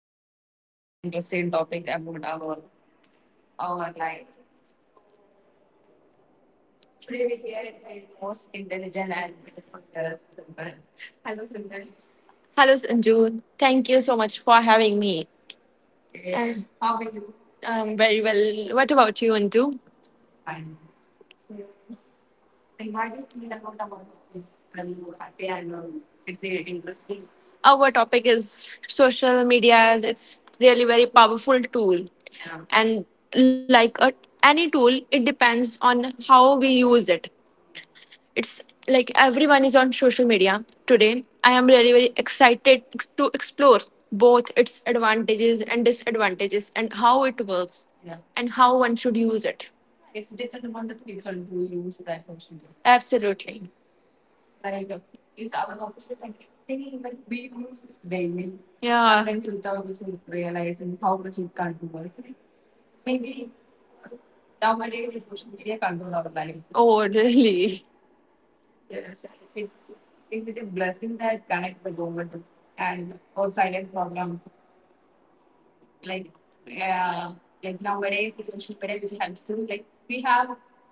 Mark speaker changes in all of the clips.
Speaker 1: are taking a very interesting topic about our life. Today we are the most intelligent and beautiful girls, Simran. Hello, Simran. Hello, Sanju. Thank you so much for having me. Yes. And how are you? I'm very well. What about you, Anju? Fine. Our topic is social media as it's really very powerful tool. And like any tool, it depends on how we use it. It's like everyone is on social media today. I am really very excited to explore both its advantages and disadvantages and how it works. Yeah. And how one should use it. It's different one the people who use that social media absolutely. Like is our competition, thinking like we use daily. Yeah, sometimes without even realizing how much it can do us. Maybe nowadays the social media control our life. Oh really. Yes, it's is it a blessing that connect the government and or silent problem? Like uh, like nowadays social media which helps too. Like we have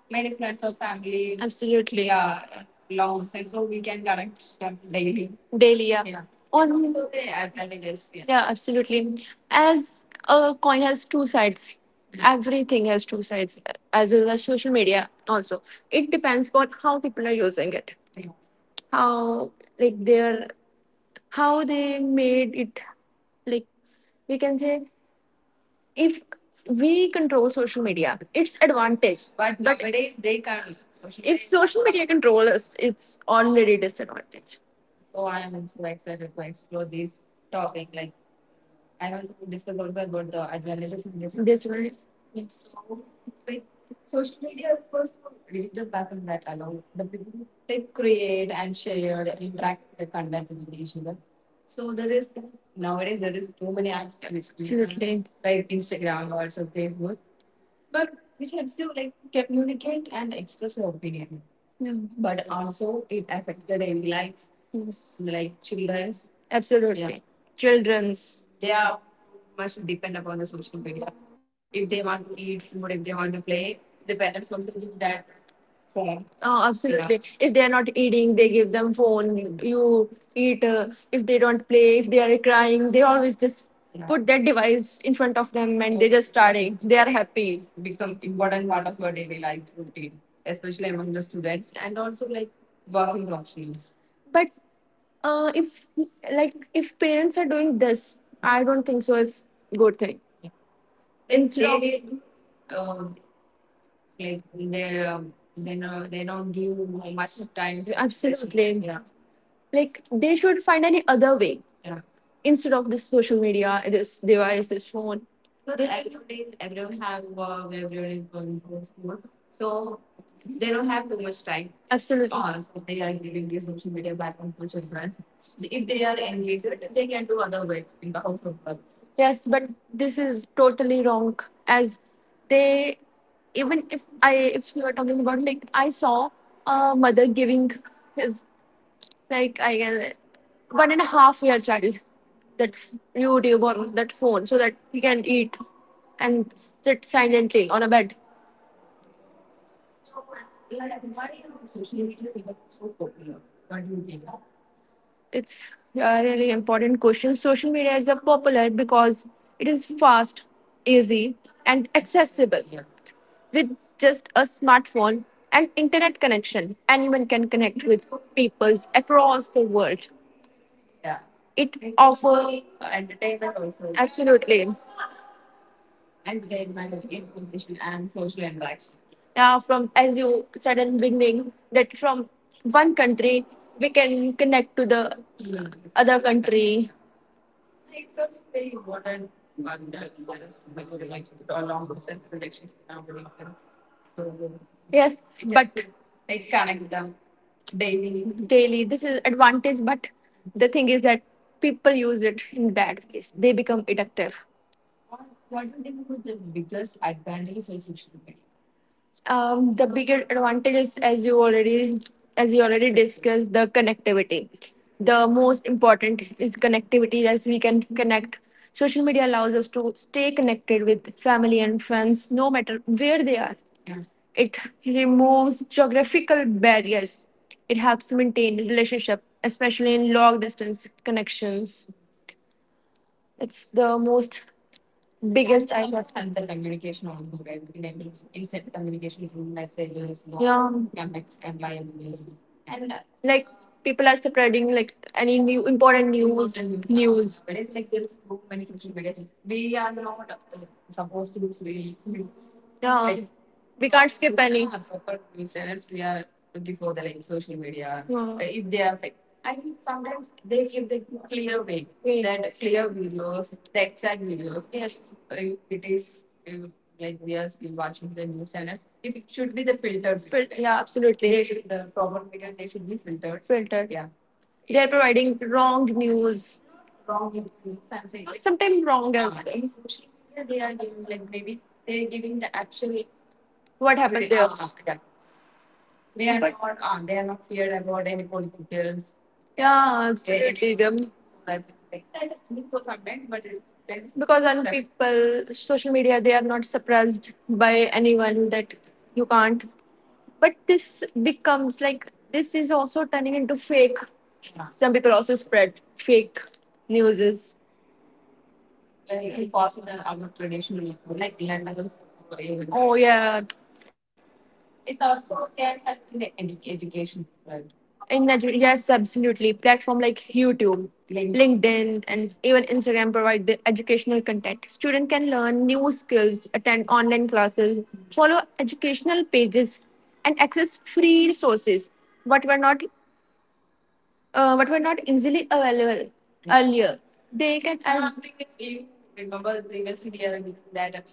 Speaker 1: many friends or family. Absolutely. Yeah, loves and so we can connect them daily. Daily, yeah, yeah. On so they advantages. Yeah, yeah, absolutely. As a coin has two sides. Everything has two sides, as well as social media. Also, it depends on how people are using it. Yeah. How like they are, how they made it. Like, we can say, if we control social media, it's advantage. But nowadays they can't. Social If media- social media control us, it's already disadvantage. So I'm so excited to explore this topic. Like I want to discuss also about the advantages and disadvantages. Yes. Like social media is first of all, digital platform that allow the people to create and share and interact the content with each other. So there is nowadays there is too many apps which we have. Absolutely. Like Instagram or so Facebook, but which helps you like communicate and express your opinion. Yeah. But also it affects the daily life. Yes. Like children's. Yeah. Absolutely. Yeah. Children's. Yeah, much depend upon the social media. If they want to eat food, if they want to play, the parents also give that form. Oh. Yeah, absolutely. If they are not eating, they give them phone. You eat. If they don't play, if they are crying, they always just, yeah, put that device in front of them and they just starting. They are happy. Become important part of your daily life routine, especially among the students and also like working professionals. But uh, if if parents are doing this, I don't think so. It's good thing. Instead of They- um, like they, they know they don't give much time to. Absolutely. Yeah, like they should find any other way, yeah. Instead of this social media, this device, this phone. But everybody's everyone have work, everyone is going through school. So they don't have too much time, absolutely, on so they are giving the social media back on to children. If they are engaged, they can do other ways in the house of work. Yes, but this is totally wrong. As they, even if you are talking about, like I saw a mother giving his, like I guess, 1.5 year child that YouTube or that phone so that he can eat and sit silently on a bed. It's a really important question. Social media is a popular because it is fast, easy, and accessible. With just a smartphone and internet connection, anyone can connect with people across the world. Yeah, it entertainment also, absolutely. Entertainment, information, and social interaction. Yeah, from as you said in the beginning, that from one country we can connect to the other country. Except very modern one that is like along with self relationship nowadays. And so, yes, yeah, but I connect them daily. Daily, this is advantage, but the thing is that people use it in bad ways. They become addictive. What do you think was the biggest advantage of social media? The bigger advantage is, as you already discussed, the connectivity. The most important is connectivity, as we can connect. Social media allows us to stay connected with family and friends no matter where they are. It removes geographical barriers. It helps maintain relationship, especially in long distance connections. It's the most biggest I got. And the communication also, right? We can able instant communication through messages, not, yeah, comments, and by email. And like people are spreading like any new important news, important news. But it's like there's so many social media. We are not supposed to be free. Yeah. Like we can't skip any. Yeah, for reasons we are looking for the like social media. Yeah. If they are fake, I think sometimes they give the clear way. Wait. That clear videos, the exact videos. Yes. Uh, it is uh, like we are still watching the news channels. If it should be the filtered, video, yeah, absolutely. They, absolutely, should the proper video they should be filtered. Filtered. Yeah, they are providing wrong news. Wrong news and fake. Sometimes wrong, as, yeah, well, in social media, they are giving like maybe they are giving the actual what happened there? Yeah. They are not feared about any politicians. Yeah, absolutely. Them. Like, that is good for sometimes, but it depends, because I know people, social media, they are not suppressed by anyone that you can't. But this becomes like this is also turning into fake. Yeah. Some people also spread fake newses. Like, in possible, our traditional, like, land. Oh yeah, it's also can help in the education, right? In Nigeria, yes, absolutely. Platform like YouTube, LinkedIn, and even Instagram provide the educational content. Student can learn new skills, attend online classes, follow educational pages, and access free resources what were not but were not easily available earlier. They can as remember previously we are using that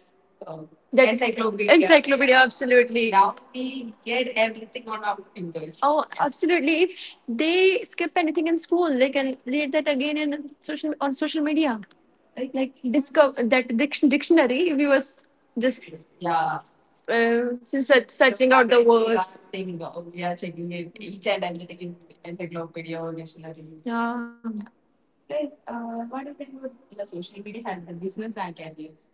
Speaker 1: that encyclopedia. Encyclopedia, absolutely. Now we get everything on our fingers. Oh, absolutely. If they skip anything in school, they can read that again in social on social media. Like discover that dictionary. We was just, yeah, just searching out the words. Thing, we are checking it, each and everything in encyclopedia or dictionary. Yeah. Like, what do you think would the social media help the business and careers?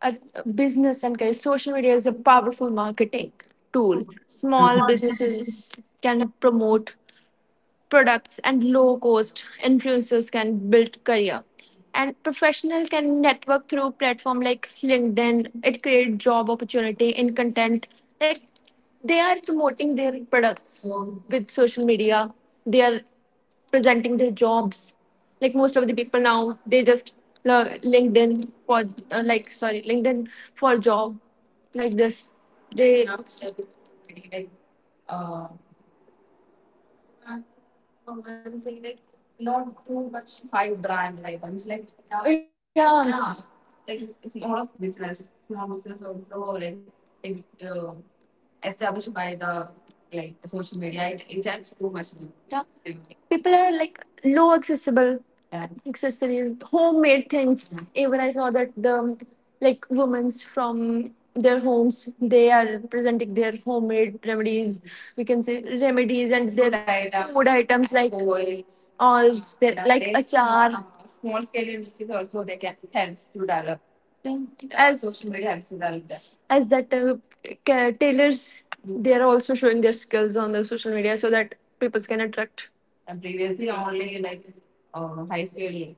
Speaker 1: A business and career. Social media is a powerful marketing tool. Small businesses can promote products and low cost influencers can build career and professional can network through platform like LinkedIn. It create job opportunity in content, like they are promoting their products with social media, they are presenting their jobs. Like most of the people now they just uh, LinkedIn for like sorry LinkedIn for job, like this they and I would say like not too much high brand like I'm like, yeah, yeah, yeah, not. Like it's more of business. Small business also, like it, established by the like social media. It helps too much. Yeah. People are like low accessible and accessories, homemade things. Even I saw that the like women's from their homes, they are presenting their homemade remedies. We can say remedies and their items, food items like oils, all their, like achar. Small scale industries also they can helps to develop. Yeah. As social media helps to develop that. As that tailors, they are also showing their skills on the social media so that people can attract. And previously only like high school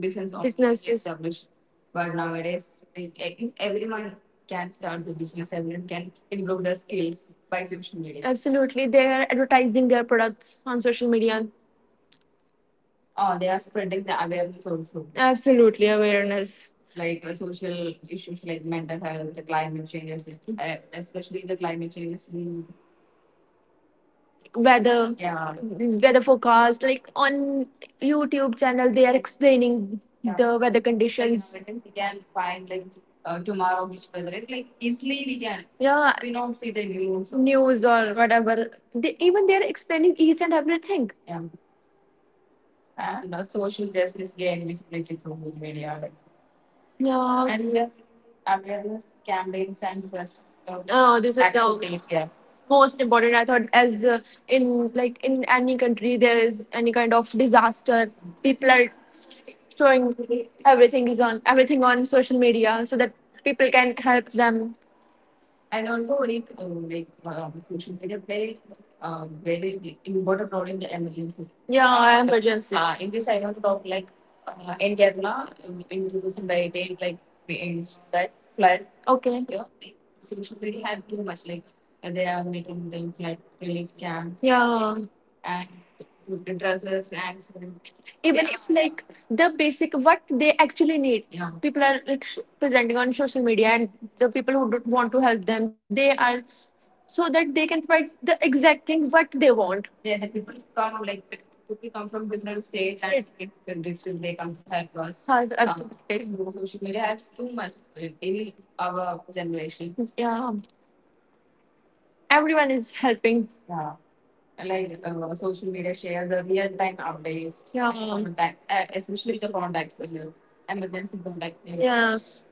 Speaker 1: business only. Businesses. Established. But nowadays, like, I think everyone can start the business. Everyone can improve their skills by social media. Absolutely. They are advertising their products on social media. Oh, they are spreading the awareness also, absolutely. Awareness, like social issues like mental health, the climate changes, especially the climate changes in weather, yeah, weather forecast like on YouTube channel they are explaining. Yeah. The weather conditions. Like, we can find like tomorrow which weather is like easily we can, yeah, we don't see the news or whatever they, even they are explaining each and everything, yeah. And social justice gain visibility through media like, yeah. And we have awareness campaigns and trust. Oh, this is the activities, yeah. Most important. I thought, as in any country, there is any kind of disaster, people are showing everything on social media so that people can help them. And also, it like social media plays very big important role in the emergency. Yeah, emergency. In this, I want to talk like in Kerala in 2018, like we in that flood. Okay. Yeah, like, social media had too much. Like they are making the flood relief camp. Yeah. And food dresses and food. Even, yeah, if like the basic what they actually need. Yeah. People are like presenting on social media, and the people who don't want to help them they are, so that they can provide the exact thing what they want. Yeah, the people come like people come from different states and different countries when they come to help us. Yes, absolutely. Social media helps too much in our generation. Yeah, everyone is helping. Yeah, like social media share the real time updates. Yeah. Contact, especially the contacts, and the emergency contact. Yes.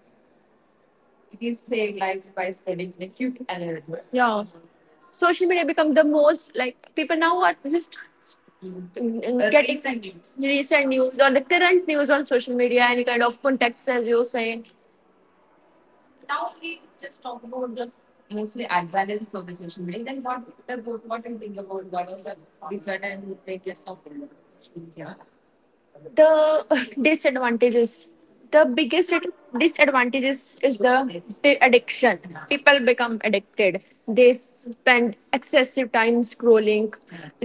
Speaker 1: These save lives by spreading the quick alert. Yeah. Social media become the most, like people now are just getting recent news. Recent news or the current news on social media, any kind of context. As you say, now we just talk about the mostly advantages of the social media. Then what the good, what do you think about what are the disadvantages of social media? The disadvantages, the biggest disadvantages is the addiction. People become addicted, they spend excessive time scrolling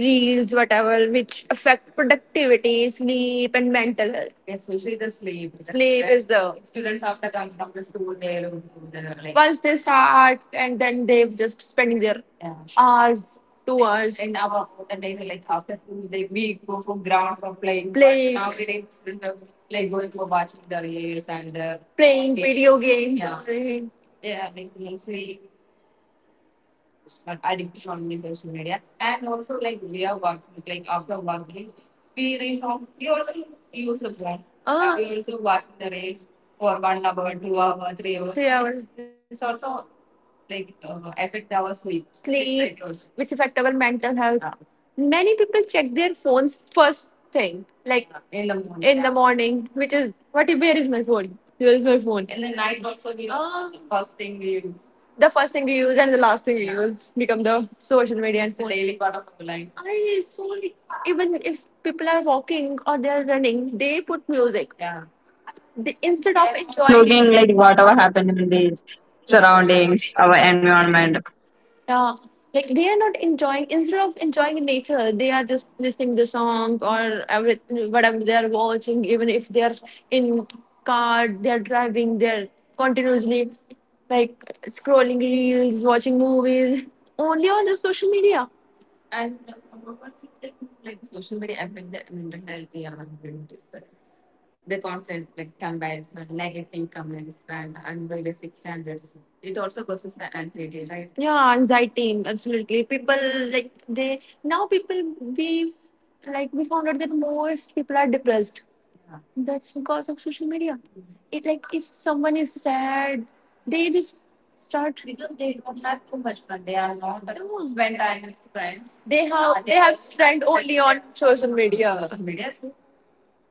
Speaker 1: reels whatever, which affect productivity, sleep and mental health, especially the sleep. Sleep is the students after coming from the school, they lose their, like, once they start and then they've just spending their hours, 2 hours. And our olden days, like after school, they, we go from ground from playing. Playing. But nowadays, you know, like going for watching the reels and the playing games. Video games. Yeah. Yeah, like mostly addiction on the social media. And also like we are working, like after working, we reach home, we also use the phone. Ah. We also watch the reels for 1 hour, 2 hour, 3 hours. 3 hours. It's also like affect our sleep. Sleep, cycles, which affect our mental health. Yeah. Many people check their phones first thing, like in the morning. In the morning, which is what? Where is my phone? Where is my phone? In the night also we, ah, the first thing we use, the first thing you use and the last thing you use become the social media and the daily part of our life. I so like, even if people are walking or they are running, they put music. Yeah. They, instead of enjoying
Speaker 2: Looking
Speaker 1: like
Speaker 2: like
Speaker 1: whatever
Speaker 2: whatever
Speaker 1: happens
Speaker 2: happened in the
Speaker 1: around and
Speaker 2: surroundings,
Speaker 1: stuff.
Speaker 2: our
Speaker 1: And
Speaker 2: environment.
Speaker 1: yeah, like they are not enjoying. Instead of enjoying nature, they are just listening the song or every whatever they are watching. Even if they are in car, they are driving. They are continuously like scrolling reels, watching movies, only on the social media. And I'm like social media affect the mental health. Yeah, I'm going to say the constant like combines and negative comments and unrealistic standards. It also causes anxiety, right? Yeah, anxiety, absolutely. People like they now people we, like we found out that most people are depressed. Yeah. That's because of social media. It, like if someone is sad, they just start. Because they don't have too much fun. They are not like, no, spend time with friends. They, have they have are only on social media. Social media. So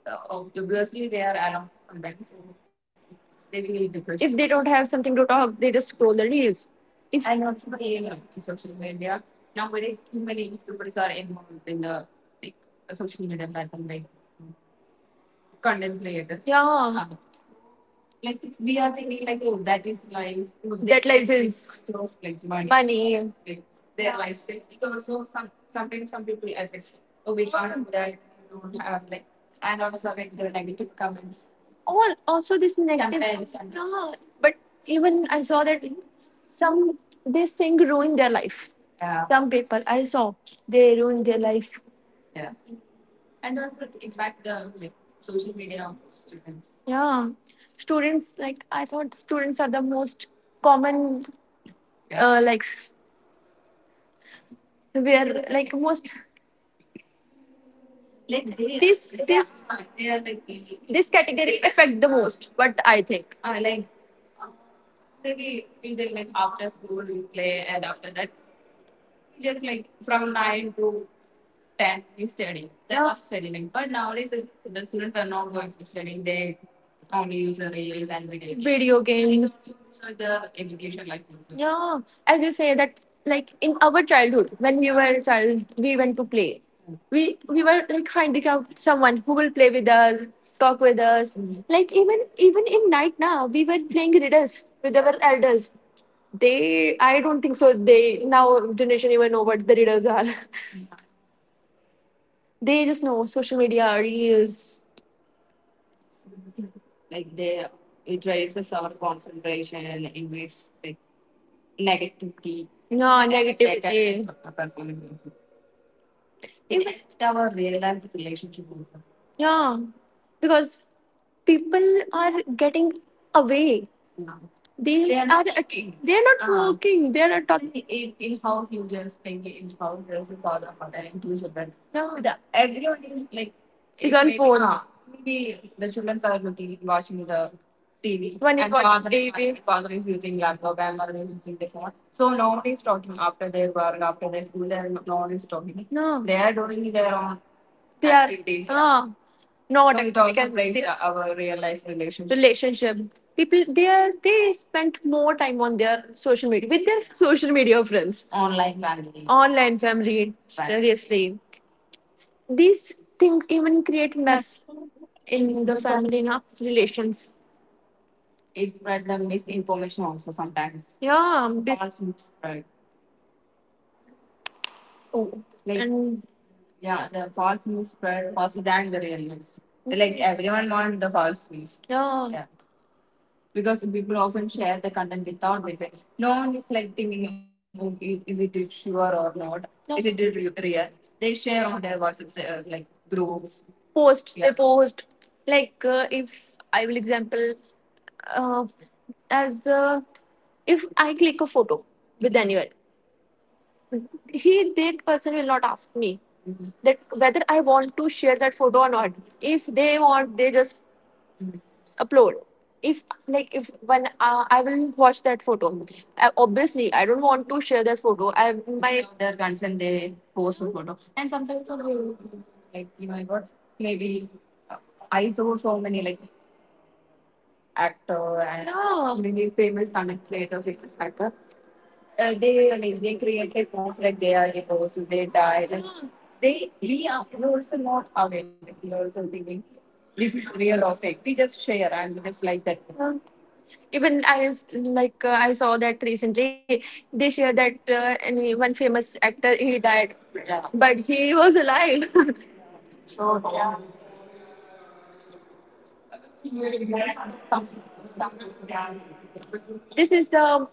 Speaker 1: obviously they are along sometimes, so they will depressed. If they don't have something to talk, they just scroll the reels. If, and also in social media, nowadays too many YouTubers are involved in the like social media platform, like content creators. Yeah, Um, like we are thinking like, oh, that is life. Oh, they, that life think is stuff like money. Money. Like their lifestyles. It also sometimes some people affect. Oh, we can't do that. We don't have like, and also like the negative comments. All also this negative. Comparison. Yeah, but even I saw that some this thing ruined their life. Yeah. Some people I saw they ruined their life. Yes. And that would impact the like social media of students. Yeah, students like I thought students are the most common, like where like most, like they this are, they are like really- this category affect the most. What I think. Like uh, maybe we did like after school we play, and after that just like from 9 to 10, you study. They are studying, like, but nowadays the students are not going for studying. They only use the reels and video games. Video games. So the education life also. Yeah, as you say that, like in our childhood, when we were a child, we went to play, we were like finding out someone who will play with us, talk with us. Like even even in night now we were playing riddles with our elders. They, I don't think so they now generation even know what the riddles are. They just know social media reels. Like they, it raises our concentration and increase like negativity. No, like, negativity. It made our real life relationship also. Yeah, because people are getting away. Yeah. They are not at, working. They are not, working. They are not talking. In house you just think, in house there's a father mother and two children. No, the, everyone is like is on phone. Maybe the children are looking watching the TV. One is and watching father, TV. Father is using laptop and mother is using the phone. So no one is talking after their work, after their school. And no one is talking. No, they are doing their own. They are. Activities. Ah. Not so it also can, breaks our real life relationship. Relationship. People they are they spend more time on their social media with their social media friends. Online family. Online family. Right. Seriously. These things even create mess in the family na relations. It spread the misinformation also sometimes. Yeah. False news spread. Oh. Like, and yeah, the false news spread faster than the real news. Like everyone wants the false news. Yeah, yeah. Because people often share the content without verifying. No one is like thinking, oh, is it sure or not? No. Is it real? They share on their WhatsApp like groups. Posts they, yeah, post like if I will example, uh, as if I click a photo with anyone, he, that person will not ask me, mhm, that whether I want to share that photo or not. If they want they just upload. If, like if when I will watch that photo, obviously I don't want to share that photo. I, my, their consent they post the photo, and sometimes I will, like you know I got maybe uh, I saw so many like actor, and no, maybe famous content creator, famous actor, they like they created posts like they are divorced, they died, and they, we are, we're also not aware. Like, we're also thinking this is real or fake. We just share and we just like that. Even I like I saw that recently, they share that any one famous actor he died, yeah, but he was alive. So yeah, something stuff. This is the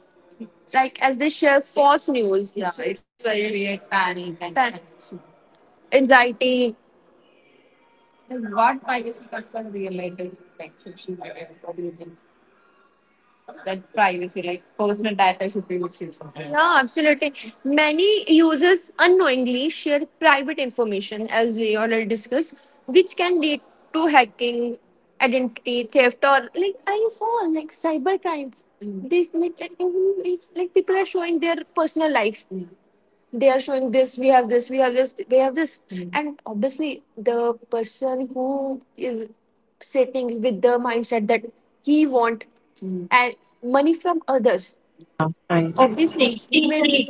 Speaker 1: like as they share false news, yeah, it's very weird panic and anxiety. Like what privacy concern related protection should be there? What, that privacy, like personal data should be restricted sometimes. Yeah, absolutely. Many users unknowingly share private information, as we already discussed, which can lead to hacking, identity theft, or like I saw like cybercrime. Mm. This like people are showing their personal life. They are showing this we have, this we have, this we have this. Mm. And obviously the person who is sitting with the mindset that he want, mm, and money from others,
Speaker 2: Right.
Speaker 1: obviously he will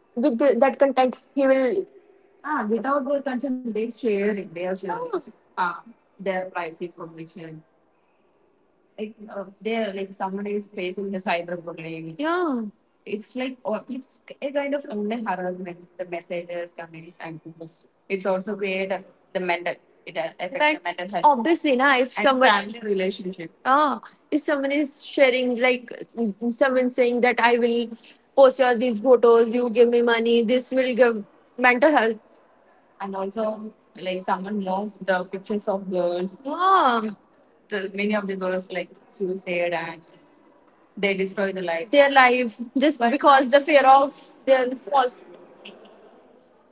Speaker 1: with the, that content he will, ah, without their consent they sharing, they are sharing, ah. Ah, their private information. Like there like someone is facing the cyberbullying. Yeah. It's like or it's a kind of online harassment, the messages comments and posts. It's also create the mental, it affects. But the mental health obviously, na, if and someone family relationship. Ah, if someone is sharing, like mm, someone saying that I will post your these photos, you give me money, this will give mental health. And also like someone knows the pictures of girls. Yeah, the, many of the girls like suicide and they destroy the life. Their life just, because the fear of their false.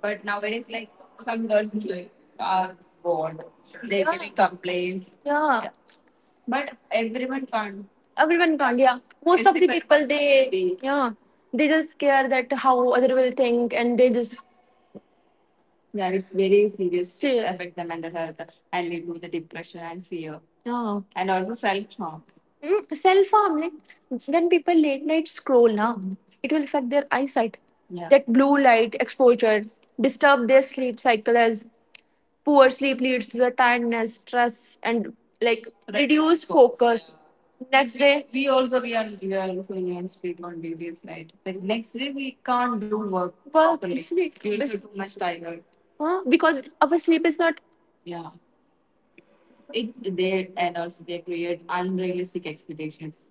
Speaker 1: But nowadays, like some girls is like are bored. They, yeah, giving complaints. Yeah. Yeah. But everyone can't. Everyone can't. Yeah, most, it's of the depend people they, yeah, they just care that how other will think, and they just, yeah, it's very serious. Still affect the mental health and lead to the depression and fear. Oh. And also self harm. Self harm, like when people late night scroll now, it will affect their eyesight. Yeah. That blue light exposure disturb their sleep cycle as poor sleep leads to the tiredness, stress, and right, reduced focus. Next day, we also we are also in sleep on duties, right? Like next day we can't do work. Work properly. Sleep. We are so too much tired. Huh? Because our sleep is not. Yeah it there and also they create unrealistic expectations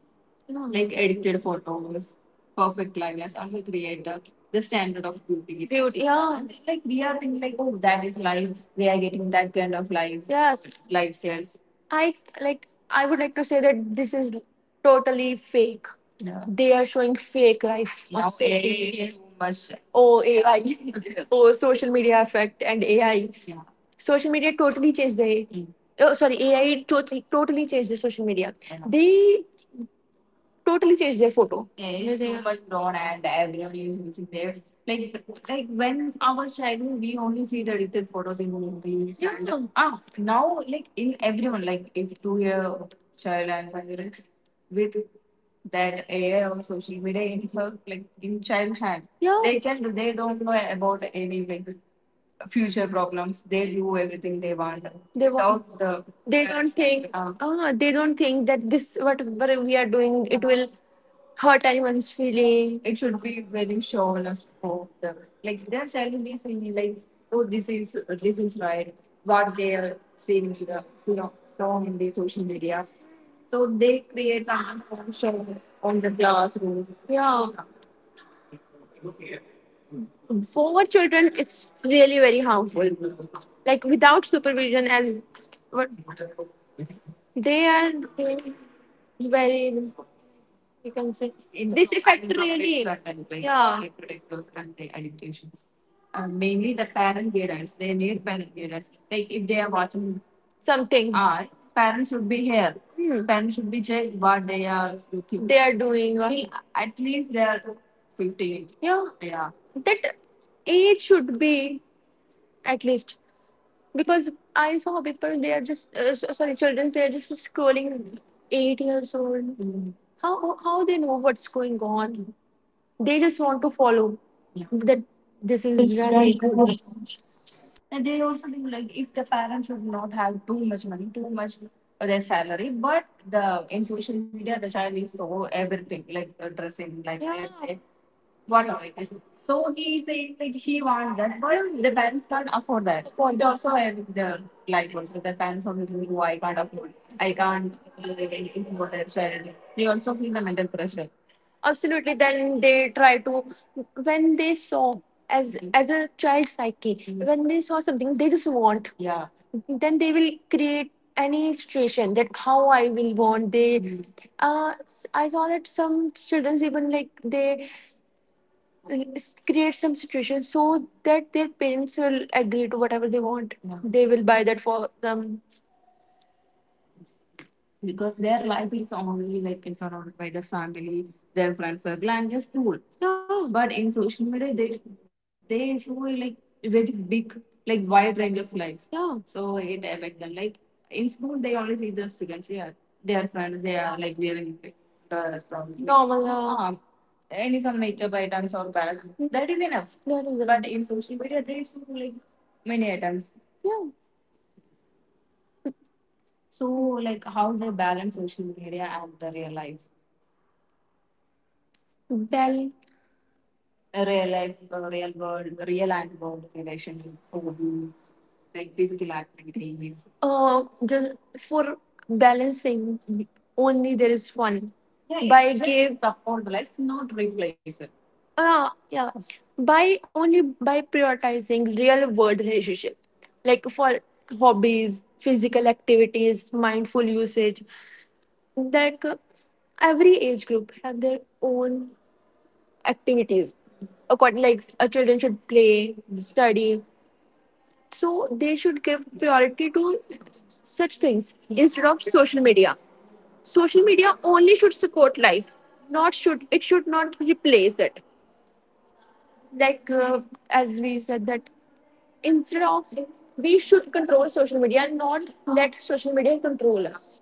Speaker 1: like edited photos perfect liveness also create the standard of beauty is beauty, yeah. Like we are thinking like oh that is life they are getting that kind of life. Yes. Lifestyles. I like I would like to say that this is totally fake. Yeah, they are showing fake life on now social AI is media. Too much. Oh AI. Oh social media effect and AI. Yeah. Social media totally changed the oh sorry AI totally changed the social media. I know. They totally changed their photo. Yeah, it's so much broad and everybody is using their like when our childhood we only see the edited photos in movies. Yeah. Ah, now like in everyone like if 2 year child and 5 year old with that AI or social media in her like in child hand. Yeah. They can they don't know about any like future problems. They do everything they want. They want. Without the. They don't think. Ah, they don't think that this whatever we are doing it will hurt anyone's feeling. It should be very showness for them. Like they're telling me saying like, oh this is right. What they are seeing in the saw in the social media. So they create some shows on the classroom. Yeah, for children it's really very harmful like without supervision as what they are doing very you can say. In this the effect finding of really. Extra conflict, yeah, they protect those content adaptations. Mainly the parent. They need parent guidance. Like if they are watching something. Art, parents should be here. Hmm. Parents should be checked what they are looking. They are doing. Till at least they are 15. Yeah. Yeah. That age should be at least, because I saw people they are just sorry children they are just scrolling 8 years old. Mm. how how they know what's going on, they just want to follow. Yeah. That this is really good and they also think like if the parents should not have too much money too much of their salary but the in social media the child is so everything like dressing like, yeah. This, one night. So he's saying like he wants that, but the parents can't afford that. So it also have the like also the parents also think, oh, I can't afford, I can't do anything for their child. They also feel the mental pressure. Absolutely then they try to when they saw as, mhm, as a child psyche, mhm, when they saw something they just want. Yeah. Then they will create any situation that how I will want they, mhm. I saw that some children even like they create some situation so that their parents will agree to whatever they want. Yeah. They will buy that for them because their life is only like it's surrounded by the family, their friends circle, and just school. Yeah. But in social media, they show like very big, like wide range of life. Yeah. So it affect them. Like in school, they only see the students. Yeah, their friends. They are like wearing dress or normal. Yeah. Any some makeup items or bag. That is enough. That is but in social media, they show like many items. Yeah. So, like, how they balance social media and the real life? Well, a real life, a real world, real and world relationship, hobbies, like physical activities. Just for balancing, only there is one. Yeah, yeah, by just give support, life, not replace it. Ah, yeah. By only by prioritizing real world relationship, like for hobbies, physical activities, mindful usage, that every age group have their own activities. According, like a children should play, study, so they should give priority to such things instead of social media. Social media only should support life, not should it should not replace it. Like as we said that instead of we should control social media and not let social media control us.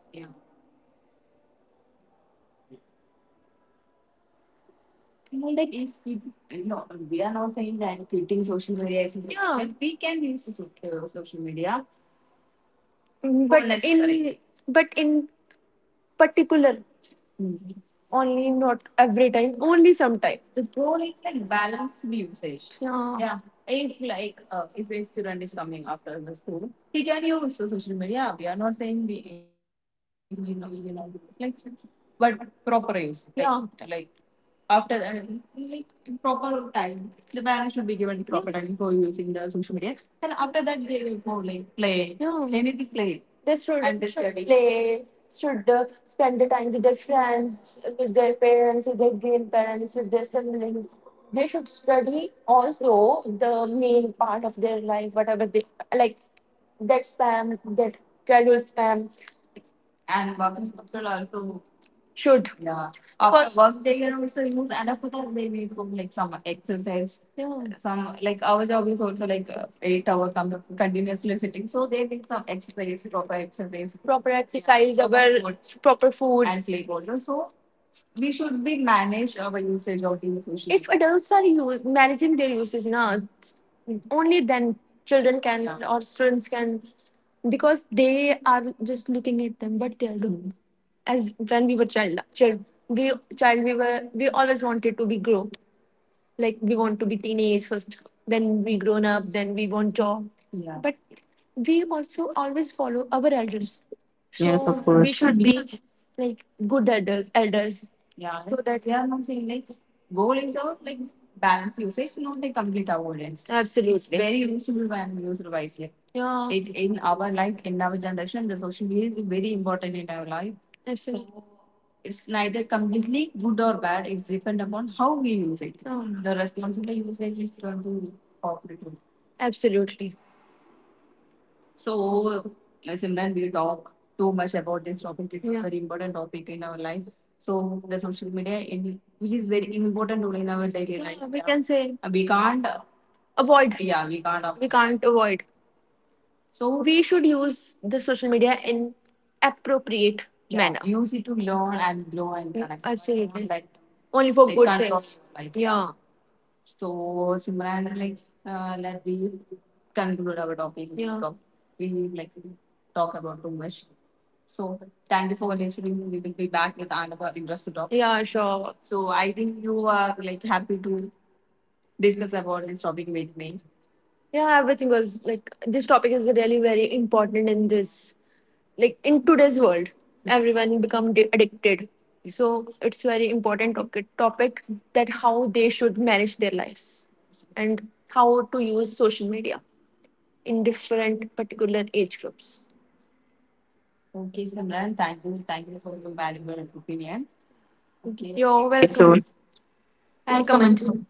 Speaker 1: Well, like is keep, no, we are not saying that quitting social media is, yeah, but we can use the social media but in unnecessary. But in particular only not every time only sometime the goal is like balance usage. Yeah, yeah. If like if a student is coming after the school he can use the social media we are not saying we it's like but proper use like-, yeah, like after like proper time the parents should be given proper time for using the social media and after that they will go like play. Yeah, they need to play they should play, should spend the time with their friends, with their parents, with their grandparents, with their siblings. They should study also the main part of their life, whatever they like. That spam, that childhood spam, and working culture also should. Yeah. After because work they can also use and after that they need some like some exercise. Yeah. Some like our job is also like 8 hour continuously sitting. So they need some exercise, proper exercise. Proper, yeah, exercise, proper our food proper food and sleep also. So we should be manage our usage of these social If media. Adults are managing their usage, na, only then children can media or students can, because they are just looking at them, but they are doing. As when we were child, we always wanted to be grow, like we want to be teenage first then we grown up then we want job. Yeah, but we also always follow our elders
Speaker 2: Yes,
Speaker 1: so
Speaker 2: of course.
Speaker 1: we
Speaker 2: Should
Speaker 1: should
Speaker 2: be
Speaker 1: be like good elders. Yeah so that yeah, I'm saying like goal is a like balance usage not like complete avoidance. Absolutely it's very useful and used wisely. Yeah it in our life in our generation the social media is very important in our life. Absolutely. So it's neither completely good or bad. It's depend upon how we use it. Mm. The responsible usage is going to offer it. Absolutely. So, Simran, we talk too much about this topic. It's a, yeah, very important topic in our life. So the social media, in, which is very important role in our daily, yeah, life. Yeah, we, yeah, can say, uh, we can't avoid. Yeah, we can't. Avoid. We can't avoid. So we should use the social media in appropriate, yeah, manner. Use it to learn and grow and, yeah, connect. Absolutely. Like, only for like, good control things. Your life. Yeah. So Simran, like let we conclude our topic. Yeah. So we like talk about too much. So thank you for listening. We will be back with another interesting topic. Yeah, sure. So I think you are like happy to discuss about this topic with me. Yeah, everything was like this topic is really very important in this like in today's world. Everyone become addicted, so it's very important topic that how they should manage their lives and how to use social media in different particular age groups. Okay, Simran, thank you. Thank you for your valuable opinion. Okay. You're
Speaker 2: right, so
Speaker 1: welcome. Welcome, Anju.